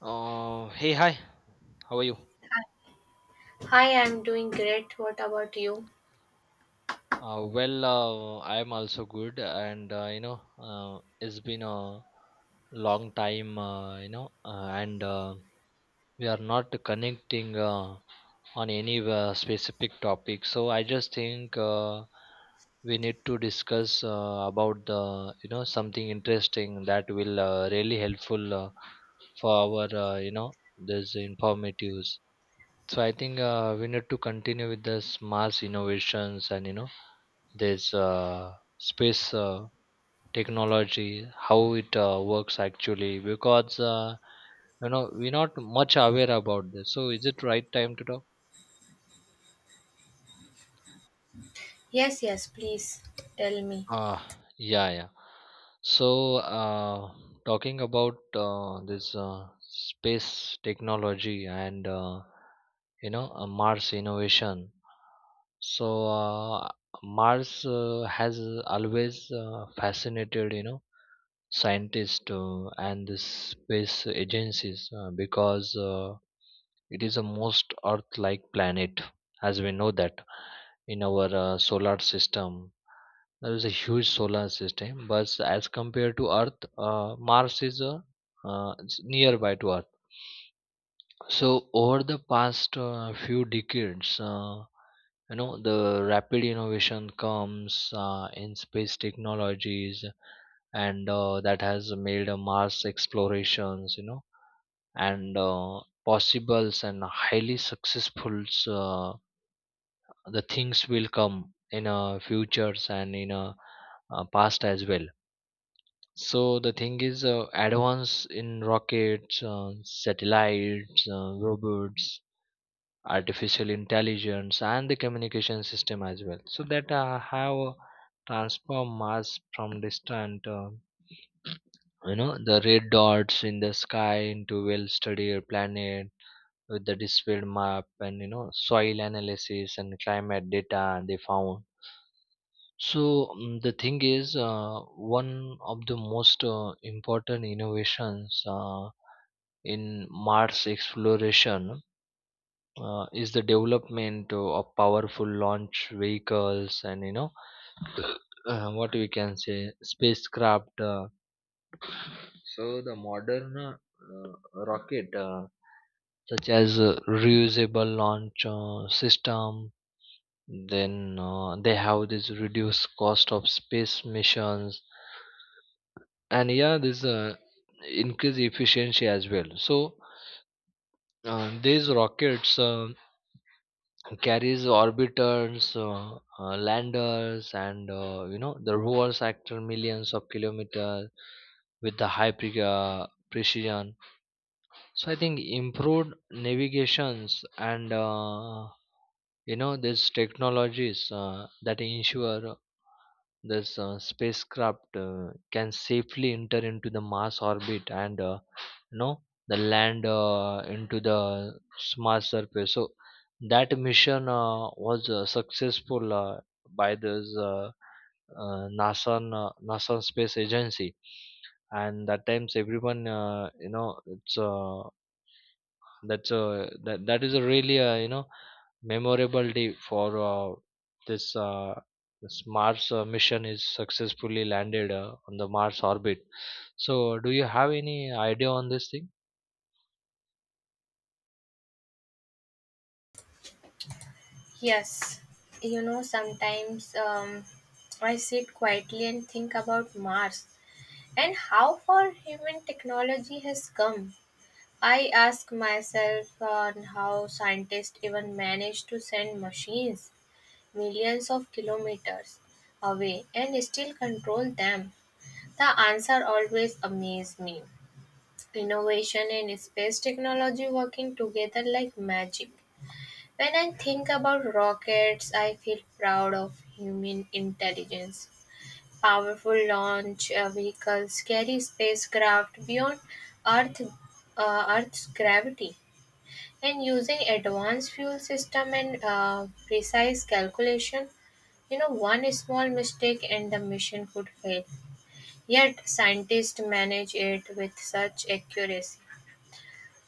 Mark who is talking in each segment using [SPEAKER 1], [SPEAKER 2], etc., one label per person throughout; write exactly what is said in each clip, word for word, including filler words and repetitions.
[SPEAKER 1] Uh, hey, hi. How are you?
[SPEAKER 2] Hi, I'm doing great. What about you?
[SPEAKER 1] Uh, well, uh, I'm also good, and uh, you know, uh, it's been a long time, uh, you know, uh, and uh, we are not connecting uh, on any uh, specific topic. So I just think uh, we need to discuss uh, about the, you know, something interesting that will uh, really helpful uh, for our, uh, you know, this informatives. So I think uh, we need to continue with the mass innovations, and you know this uh, space uh, technology, how it uh, works actually, because uh, you know we're not much aware about this. So is it right time to talk?
[SPEAKER 2] Yes, yes, please tell me.
[SPEAKER 1] Uh, yeah, yeah. So, uh, Talking about uh, this uh, space technology and uh, you know uh, Mars innovation. So, uh, Mars uh, has always uh, fascinated you know scientists uh, and the space agencies uh, because uh, it is the most earth like planet, as we know that. In our uh, solar system, there is a huge solar system, but as compared to earth, uh, mars is uh, uh, it's nearby to earth. So over the past uh, few decades, uh, you know, the rapid innovation comes uh, in space technologies, and uh, that has made uh, Mars explorations, you know, and uh, possibles and highly successful. Uh, the things will come in uh, futures and in uh, uh, past as well. So the thing is, uh, advance in rockets, uh, satellites, uh, robots, artificial intelligence, and the communication system as well, so that uh, have transformed mars from distant, uh, you know the red dots in the sky, into well studied planet with the displayed map, and you know, soil analysis and climate data they found. So mm, the thing is, uh, one of the most uh, important innovations uh, in mars exploration uh, is the development of powerful launch vehicles, and you know, uh, what we can say spacecraft. Uh, so the modern uh, uh, rocket, uh, such as uh, reusable launch uh, system, then uh, they have this reduced cost of space missions, and yeah, this uh, increase efficiency as well. So uh, these rockets uh, carries orbiters, uh, uh, landers, and uh, you know the rovers actor millions of kilometers with the high pre- uh, precision. So I think improved navigations and uh, you know these technologies uh, that ensure this uh, spacecraft uh, can safely enter into the Mars orbit, and uh, you know the land uh, into the s- Mars surface. So that mission uh, was uh, successful uh, by this uh, uh, NASA, uh, NASA space agency, and that times everyone uh, you know it's uh, that's a that that is a really uh, you know memorable day for uh, this uh, this Mars uh, mission is successfully landed uh, on the Mars orbit. So, do you have any idea on this thing?
[SPEAKER 2] Yes, you know, sometimes um, I sit quietly and think about Mars and how far human technology has come. I ask myself on how scientists even manage to send machines millions of kilometers away and still control them. The answer always amazes me. Innovation and space technology working together like magic. When I think about rockets, I feel proud of human intelligence. Powerful launch uh, vehicles carry spacecraft beyond Earth, uh, Earth's gravity, and using advanced fuel system and uh, precise calculation, you know, one small mistake and the mission could fail. Yet scientists manage it with such accuracy.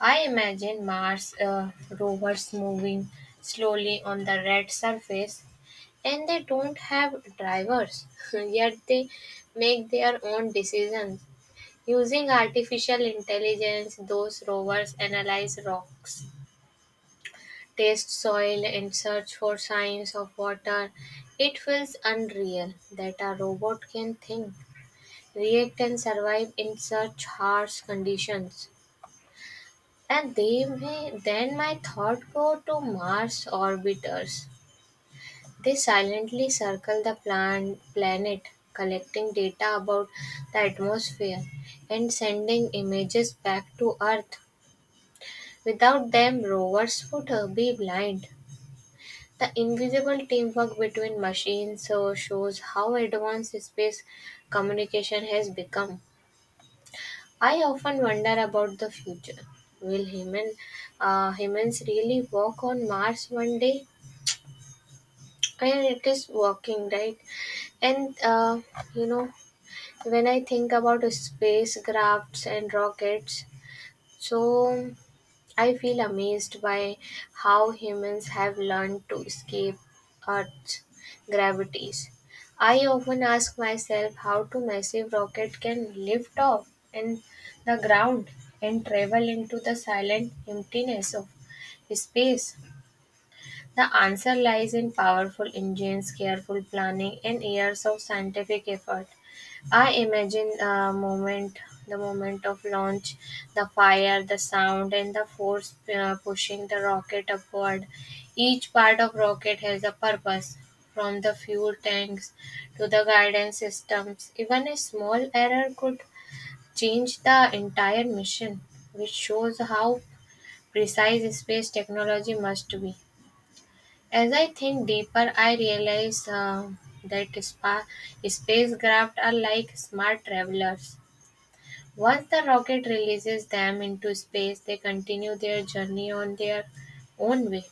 [SPEAKER 2] I imagine Mars uh, rovers moving slowly on the red surface, and they don't have drivers, yet they make their own decisions. Using artificial intelligence, those rovers analyze rocks, taste soil, and search for signs of water. It feels unreal that a robot can think, react, and survive in such harsh conditions. And they may then my thought go to Mars orbiters. They silently circle the plan- planet, collecting data about the atmosphere and sending images back to Earth. Without them, rovers would uh, be blind. The invisible teamwork between machines uh, shows how advanced space communication has become. I often wonder about the future. Will human uh, humans really walk on Mars one day? And it is walking, right? And uh, You know, when I think about spacecrafts and rockets, so I feel amazed by how humans have learned to escape Earth's gravities. I often ask myself how two massive rockets can lift off and the ground and travel into the silent emptiness of space. The answer lies in powerful engines, careful planning, and years of scientific effort. I imagine the moment, the moment of launch, the fire, the sound, and the force uh, pushing the rocket upward. Each part of rocket has a purpose, from the fuel tanks to the guidance systems. Even a small error could change the entire mission, which shows how precise space technology must be. As I think deeper, I realize uh, that spa- spacecraft are like smart travelers. Once the rocket releases them into space, they continue their journey on their own way.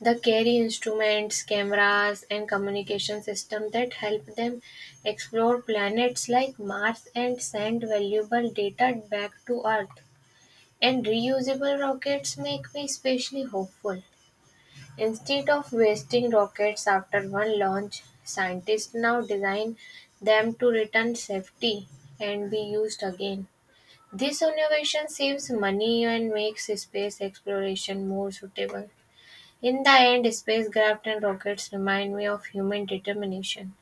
[SPEAKER 2] They carry instruments, cameras, and communication systems that help them explore planets like Mars and send valuable data back to Earth. And reusable rockets make me especially hopeful. Instead of wasting rockets after one launch, scientists now design them to return safely and be used again. This innovation saves money and makes space exploration more suitable. In the end, spacecraft and rockets remind me of human determination.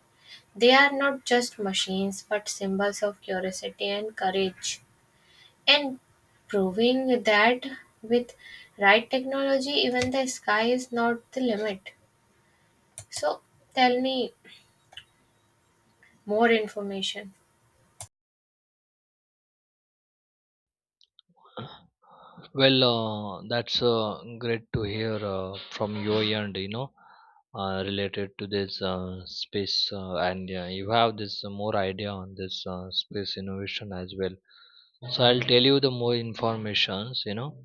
[SPEAKER 2] They are not just machines but symbols of curiosity and courage. And proving that with right technology, even the sky is not the limit. So tell me more information.
[SPEAKER 1] Well, uh, that's uh, great to hear uh, from your end, you know, uh, related to this uh, space, uh, and uh, you have this uh, more idea on this uh, space innovation as well. So I'll tell you the more informations, you know.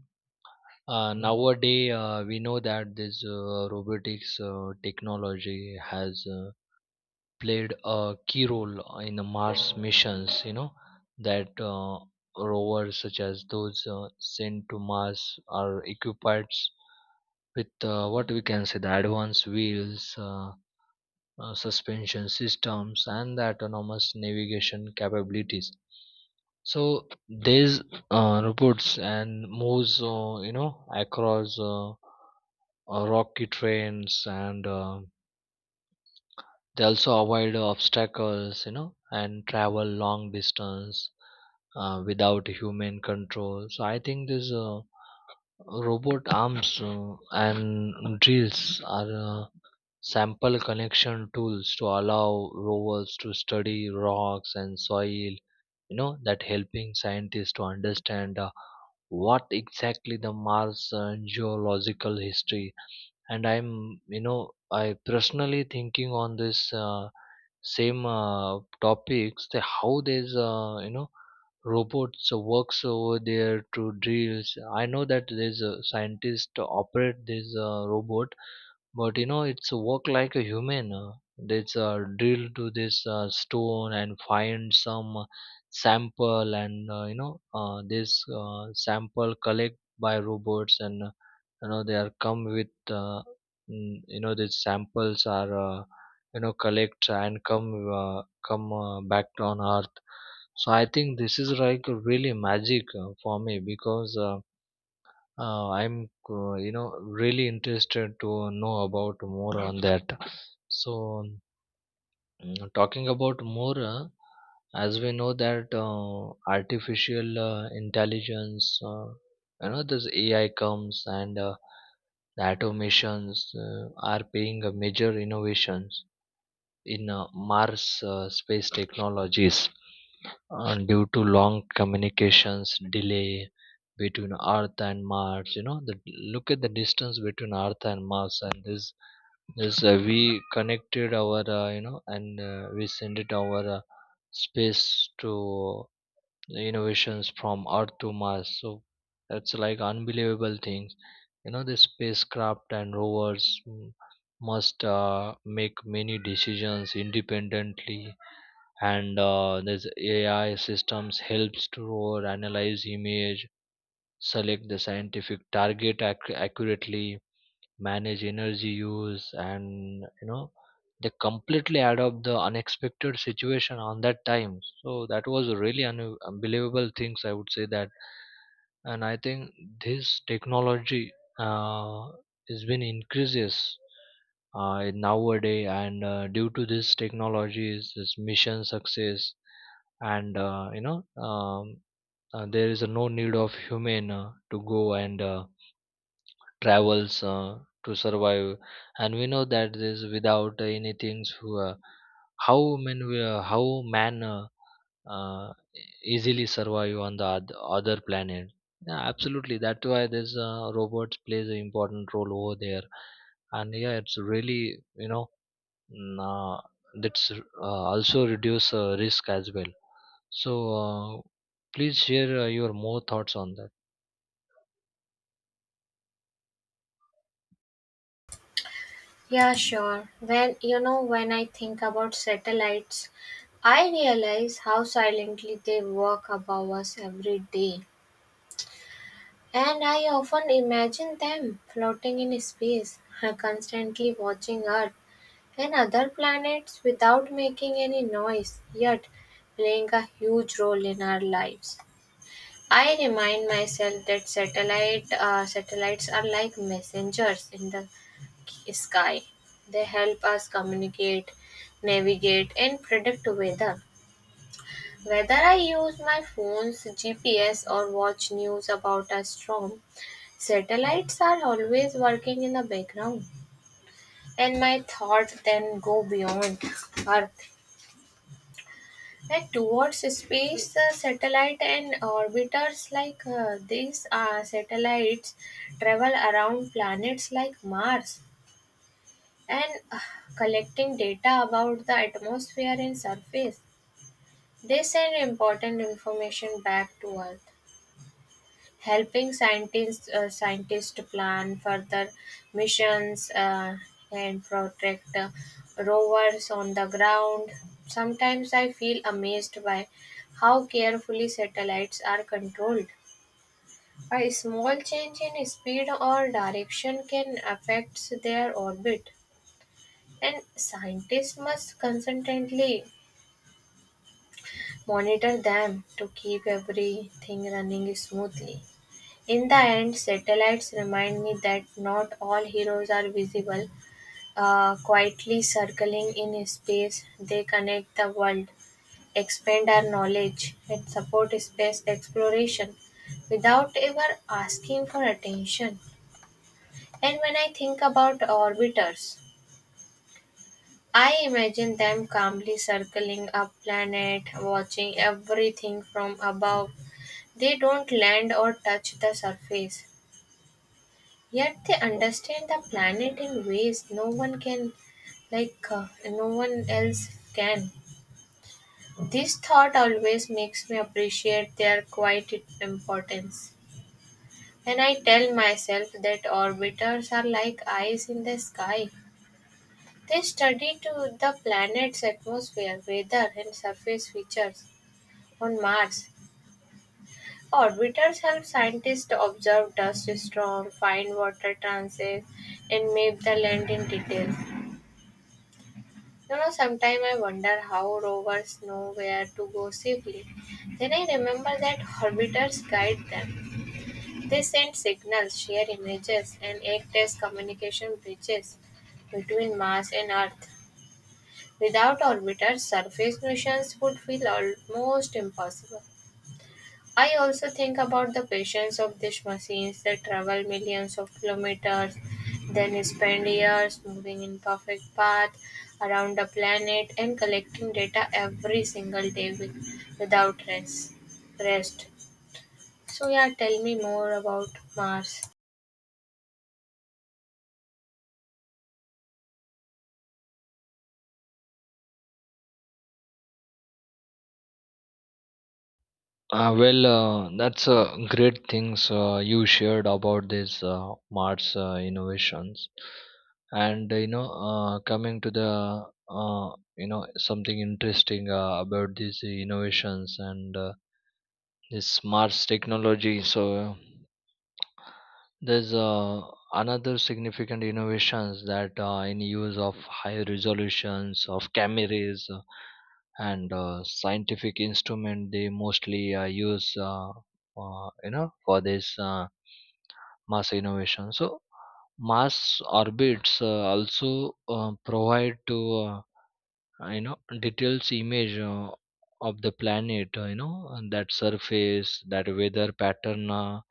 [SPEAKER 1] Uh, nowadays, uh, we know that this uh, robotics uh, technology has uh, played a key role in the Mars missions. You know that uh, rovers such as those uh, sent to Mars are equipped with uh, what we can say the advanced wheels, uh, uh, suspension systems, and the autonomous navigation capabilities. So these uh, robots and moves, uh, you know, across. Uh, uh, rocky trains, and uh, they also avoid obstacles, you know, and travel long distance uh, without human control. So I think these uh, robot arms uh, and drills are uh, sample connection tools to allow rovers to study rocks and soil, you know, that helping scientists to understand uh, what exactly the mars uh, geological history. And I'm, you know, I personally thinking on this uh, same uh, topics, the how there's uh, you know robots works over there to drills. I know that there's a scientist operate this uh, robot, but you know, it's work like a human. uh, It's uh, drill to this uh, stone and find some uh, sample, and uh, you know, uh, this uh, sample collect by robots, and uh, you know they are come with uh, mm, you know these samples are uh, you know collect and come uh, come uh, back on Earth. So I think this is like really magic uh, for me because. Uh, uh, I'm, uh, you know, really interested to know about more on that. So, mm, talking about more, uh, as we know that uh, artificial uh, intelligence, uh, you know, this A I comes, and uh, the automations uh, are being a major innovation in uh, Mars uh, space technologies uh, due to long communications delay between Earth and Mars. You know, the, look at the distance between Earth and Mars, and this this uh, we connected our uh, you know and uh, we send it our uh, space to innovations from earth to mars. So that's like unbelievable things. You know the spacecraft and rovers mm, must uh, make many decisions independently, and uh, this ai systems helps to rover, analyze image, select the scientific target ac- accurately, manage energy use, and you know they completely adopt the unexpected situation on that time. So that was a really un- unbelievable things, I would say that. And I think this technology uh, has been increases uh, in nowadays, and uh, due to this technologies this mission success. And uh, you know um, uh, there is a no need of human uh, to go and uh, travels uh, to survive. And we know that this without anything, who uh, how man will- uh, how man uh, uh, easily survive on the oth- other planet. Yeah, absolutely, that's why this uh, robots plays an important role over there. And yeah, it's really, you know, mm, uh, that's uh, also reduce uh, risk as well. So uh, please share uh, your more thoughts on that.
[SPEAKER 2] Yeah, sure. When you know, when I think about satellites, I realize how silently they walk above us every day. And I often imagine them floating in space, constantly watching Earth and other planets without making any noise, yet playing a huge role in our lives. I remind myself that satellite uh, satellites are like messengers in the sky. They help us communicate, navigate, and predict weather. Whether I use my phone's G P S or watch news about a storm, satellites are always working in the background, and my thoughts then go beyond Earth and towards space. The satellite and orbiters like uh, these uh, satellites travel around planets like Mars and uh, collecting data about the atmosphere and surface. They send important information back to Earth, helping scientists uh, scientists to plan further missions uh, and protect uh, rovers on the ground. Sometimes I feel amazed by how carefully satellites are controlled. A small change in speed or direction can affect their orbit, and scientists must constantly monitor them to keep everything running smoothly. In the end, satellites remind me that not all heroes are visible. Uh, quietly circling in space, they connect the world, expand our knowledge, and support space exploration without ever asking for attention. And when I think about orbiters, I imagine them calmly circling a planet, watching everything from above. They don't land or touch the surface, yet they understand the planet in ways no one can, like uh, no one else can. This thought always makes me appreciate their quiet importance. And I tell myself that orbiters are like eyes in the sky. They study to the planet's atmosphere, weather, and surface features. On Mars, orbiters help scientists to observe dust storms, find water transits, and map the land in detail. You know, sometimes I wonder how rovers know where to go safely. Then I remember that orbiters guide them. They send signals, share images, and act as communication bridges between Mars and Earth. Without orbiters, surface missions would feel almost impossible. I also think about the patience of these machines that travel millions of kilometers, then spend years moving in perfect path around the planet and collecting data every single day with, without rest. Rest. So yeah, tell me more about Mars.
[SPEAKER 1] Uh, well, uh, that's uh, great things uh, you shared about these uh, Mars uh, innovations, and uh, you know, uh, coming to the uh, you know something interesting uh, about these innovations and uh, this Mars technology. So there's uh, another significant innovations that uh, in use of high resolutions of cameras uh, and uh, scientific instrument they mostly uh, use uh, uh, you know for this uh, mass innovation. So mass orbits uh, also uh, provide to uh, you know details image uh, of the planet, uh, you know and that surface, that weather pattern, uh,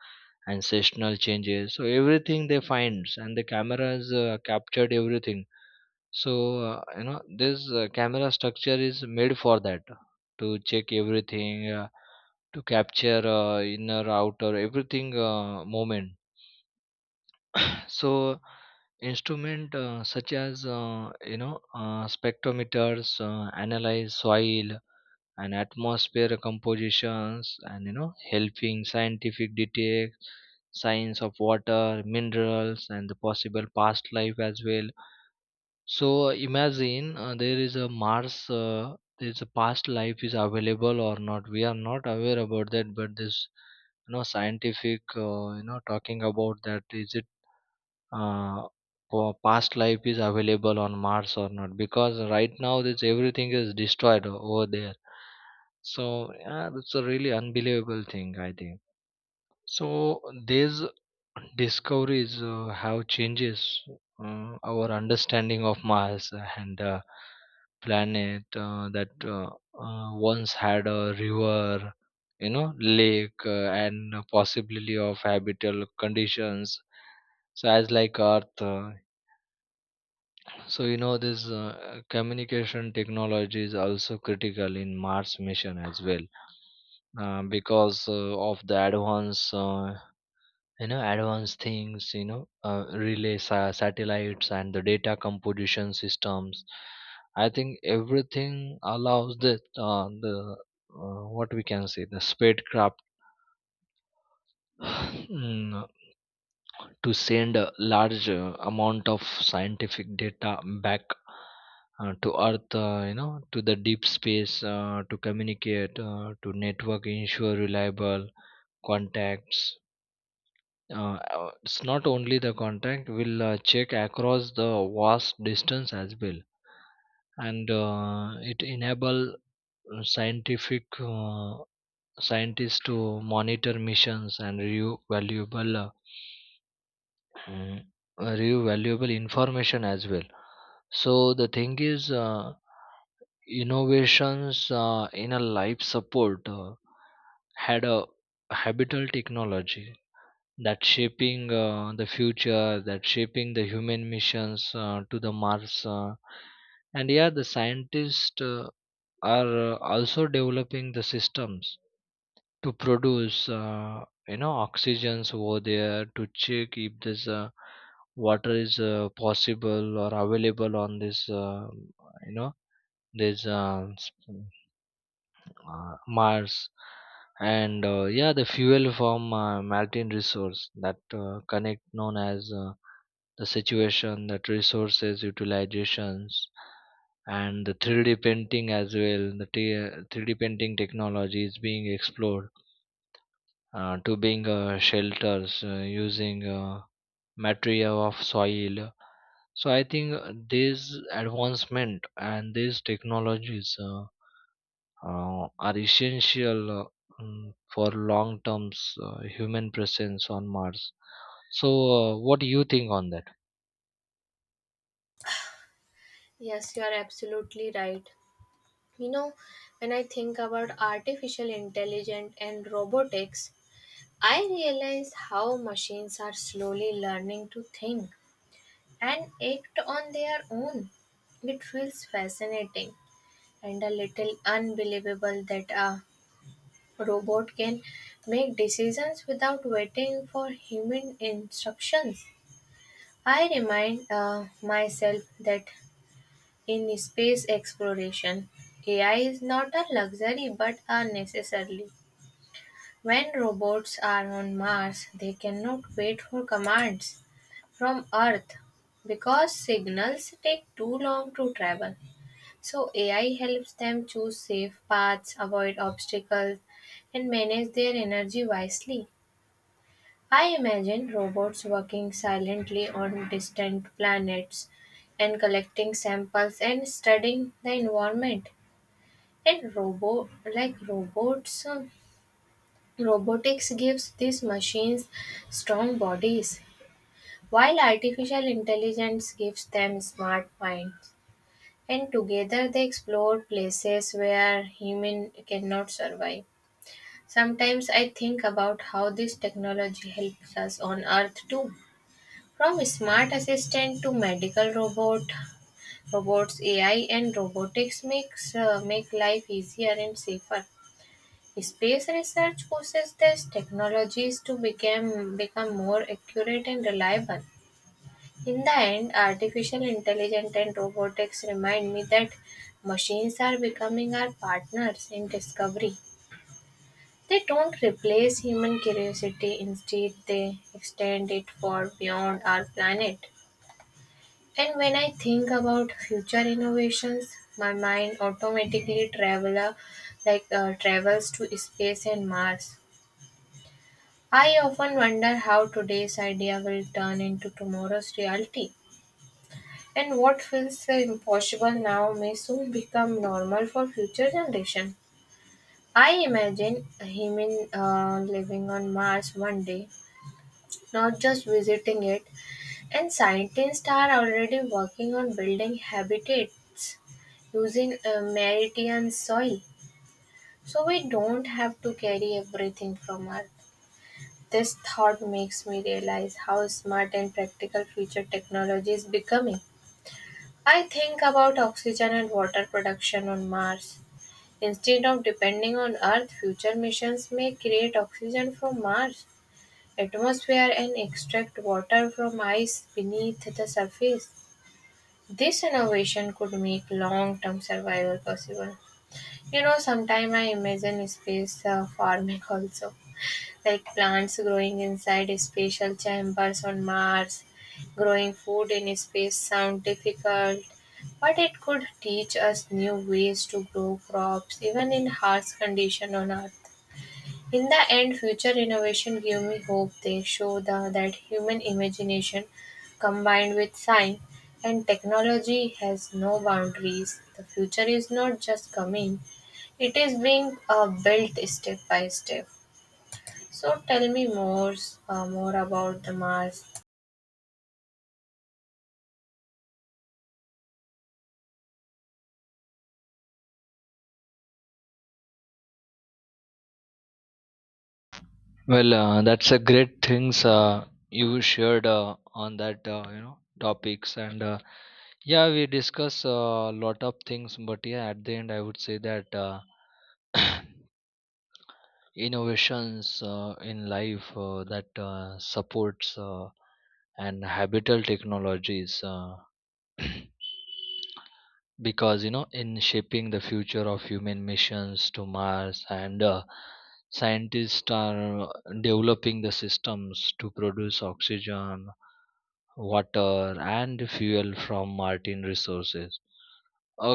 [SPEAKER 1] ancestral changes, so everything they finds, and the cameras uh, captured everything. So uh, you know this uh, camera structure is made for that, to check everything uh, to capture uh, inner outer everything uh, moment. So instrument uh, such as uh, you know uh, spectrometers uh, analyze soil and atmosphere compositions, and you know helping scientific detect signs of water minerals and the possible past life as well. So imagine uh, there is a mars uh, there is a past life is available or not, we are not aware about that, but this, you know, scientific, uh, you know talking about that, is it uh, pa- past life is available on Mars or not, because right now this everything is destroyed o- over there. So yeah, that's a really unbelievable thing I think. So these discoveries uh, have changes uh, our understanding of Mars, and uh, planet uh, that uh, uh, once had a river, you know, lake uh, and a possibility of habitable conditions. So as like Earth, uh, so you know this uh, communication technology is also critical in Mars mission as well, uh, because uh, of the advance. Uh, you know advanced things, you know, uh, relay sa- satellites and the data composition systems, I think everything allows that uh, the uh, what we can say the spacecraft mm, to send a large uh, amount of scientific data back uh, to earth, uh, you know to the deep space uh, to communicate uh, to network ensure reliable contacts. Uh, uh, it's not only the contact, we'll uh, check across the vast distance as well. And uh, it enable uh, scientific uh, scientists to monitor missions and review valuable uh, mm, uh, review valuable information as well. So the thing is, uh, innovations uh, in a life support uh, had a habitable technology that shaping uh, the future, that shaping the human missions uh, to the Mars. Uh, and yeah, the scientists uh, are uh, also developing the systems to produce, uh, you know, oxygens over there to check if this uh, water is uh, possible or available on this, uh, you know, this uh, s- uh, Mars, and uh, yeah, the fuel from uh, melting resource that uh, connect known as uh, the situation, that resources utilizations, and the three D printing as well. The t- three D printing technology is being explored uh, to being uh, shelters uh, using uh, material of soil. So I think uh, this advancement and these technologies. Uh, uh, are essential uh, mm, for long term uh, human presence on Mars. So, uh, what do you think on that?
[SPEAKER 2] Yes, you are absolutely right. You know, when I think about artificial intelligence and robotics, I realize how machines are slowly learning to think and act on their own. It feels fascinating and a little unbelievable that a robot can make decisions without waiting for human instructions. I remind uh, myself that in space exploration, A I is not a luxury but a necessary. When robots are on Mars, they cannot wait for commands from Earth because signals take too long to travel. So A I helps them choose safe paths, avoid obstacles, and manage their energy wisely. I imagine robots working silently on distant planets and collecting samples and studying the environment. And robot like robots um, robotics gives these machines strong bodies while artificial intelligence gives them smart minds. And together they explore places where human cannot survive. Sometimes I think about how this technology helps us on earth too. From smart assistant to medical robot, robots A I and robotics makes uh, make life easier and safer. Space research uses these technologies to become become more accurate and reliable. In the end, artificial intelligence and robotics remind me that machines are becoming our partners in discovery. They don't replace human curiosity, instead, they extend it far beyond our planet. And when I think about future innovations, my mind automatically travel like uh, travels to space and Mars. I often wonder how today's idea will turn into tomorrow's reality. And what feels so impossible now may soon become normal for future generations. I imagine a human uh, living on Mars one day, not just visiting it, and scientists are already working on building habitats using a Martian soil, so we don't have to carry everything from Earth. This thought makes me realize how smart and practical future technology is becoming. I think about oxygen and water production on Mars. Instead of depending on Earth, future missions may create oxygen from Mars atmosphere and extract water from ice beneath the surface. This innovation could make long-term survival possible. You know, sometime I imagine space uh, farming also, like plants growing inside spatial chambers on Mars. Growing food in space sound difficult, but it could teach us new ways to grow crops even in harsh condition on Earth. In the end, future innovation give me hope. They show the, that human imagination combined with science and technology has no boundaries. The future is not just coming, it is being uh, built step by step. So tell me more, uh, more about the Mars
[SPEAKER 1] Well, uh, that's a great things uh, you shared uh, on that uh, you know topics and uh, yeah, we discuss a lot of things, but yeah, at the end, I would say that. Uh, innovations uh, in life uh, that uh, supports uh, and habitable technologies uh, because you know in shaping the future of human missions to Mars and uh, scientists are developing the systems to produce oxygen water and fuel from Martian resources a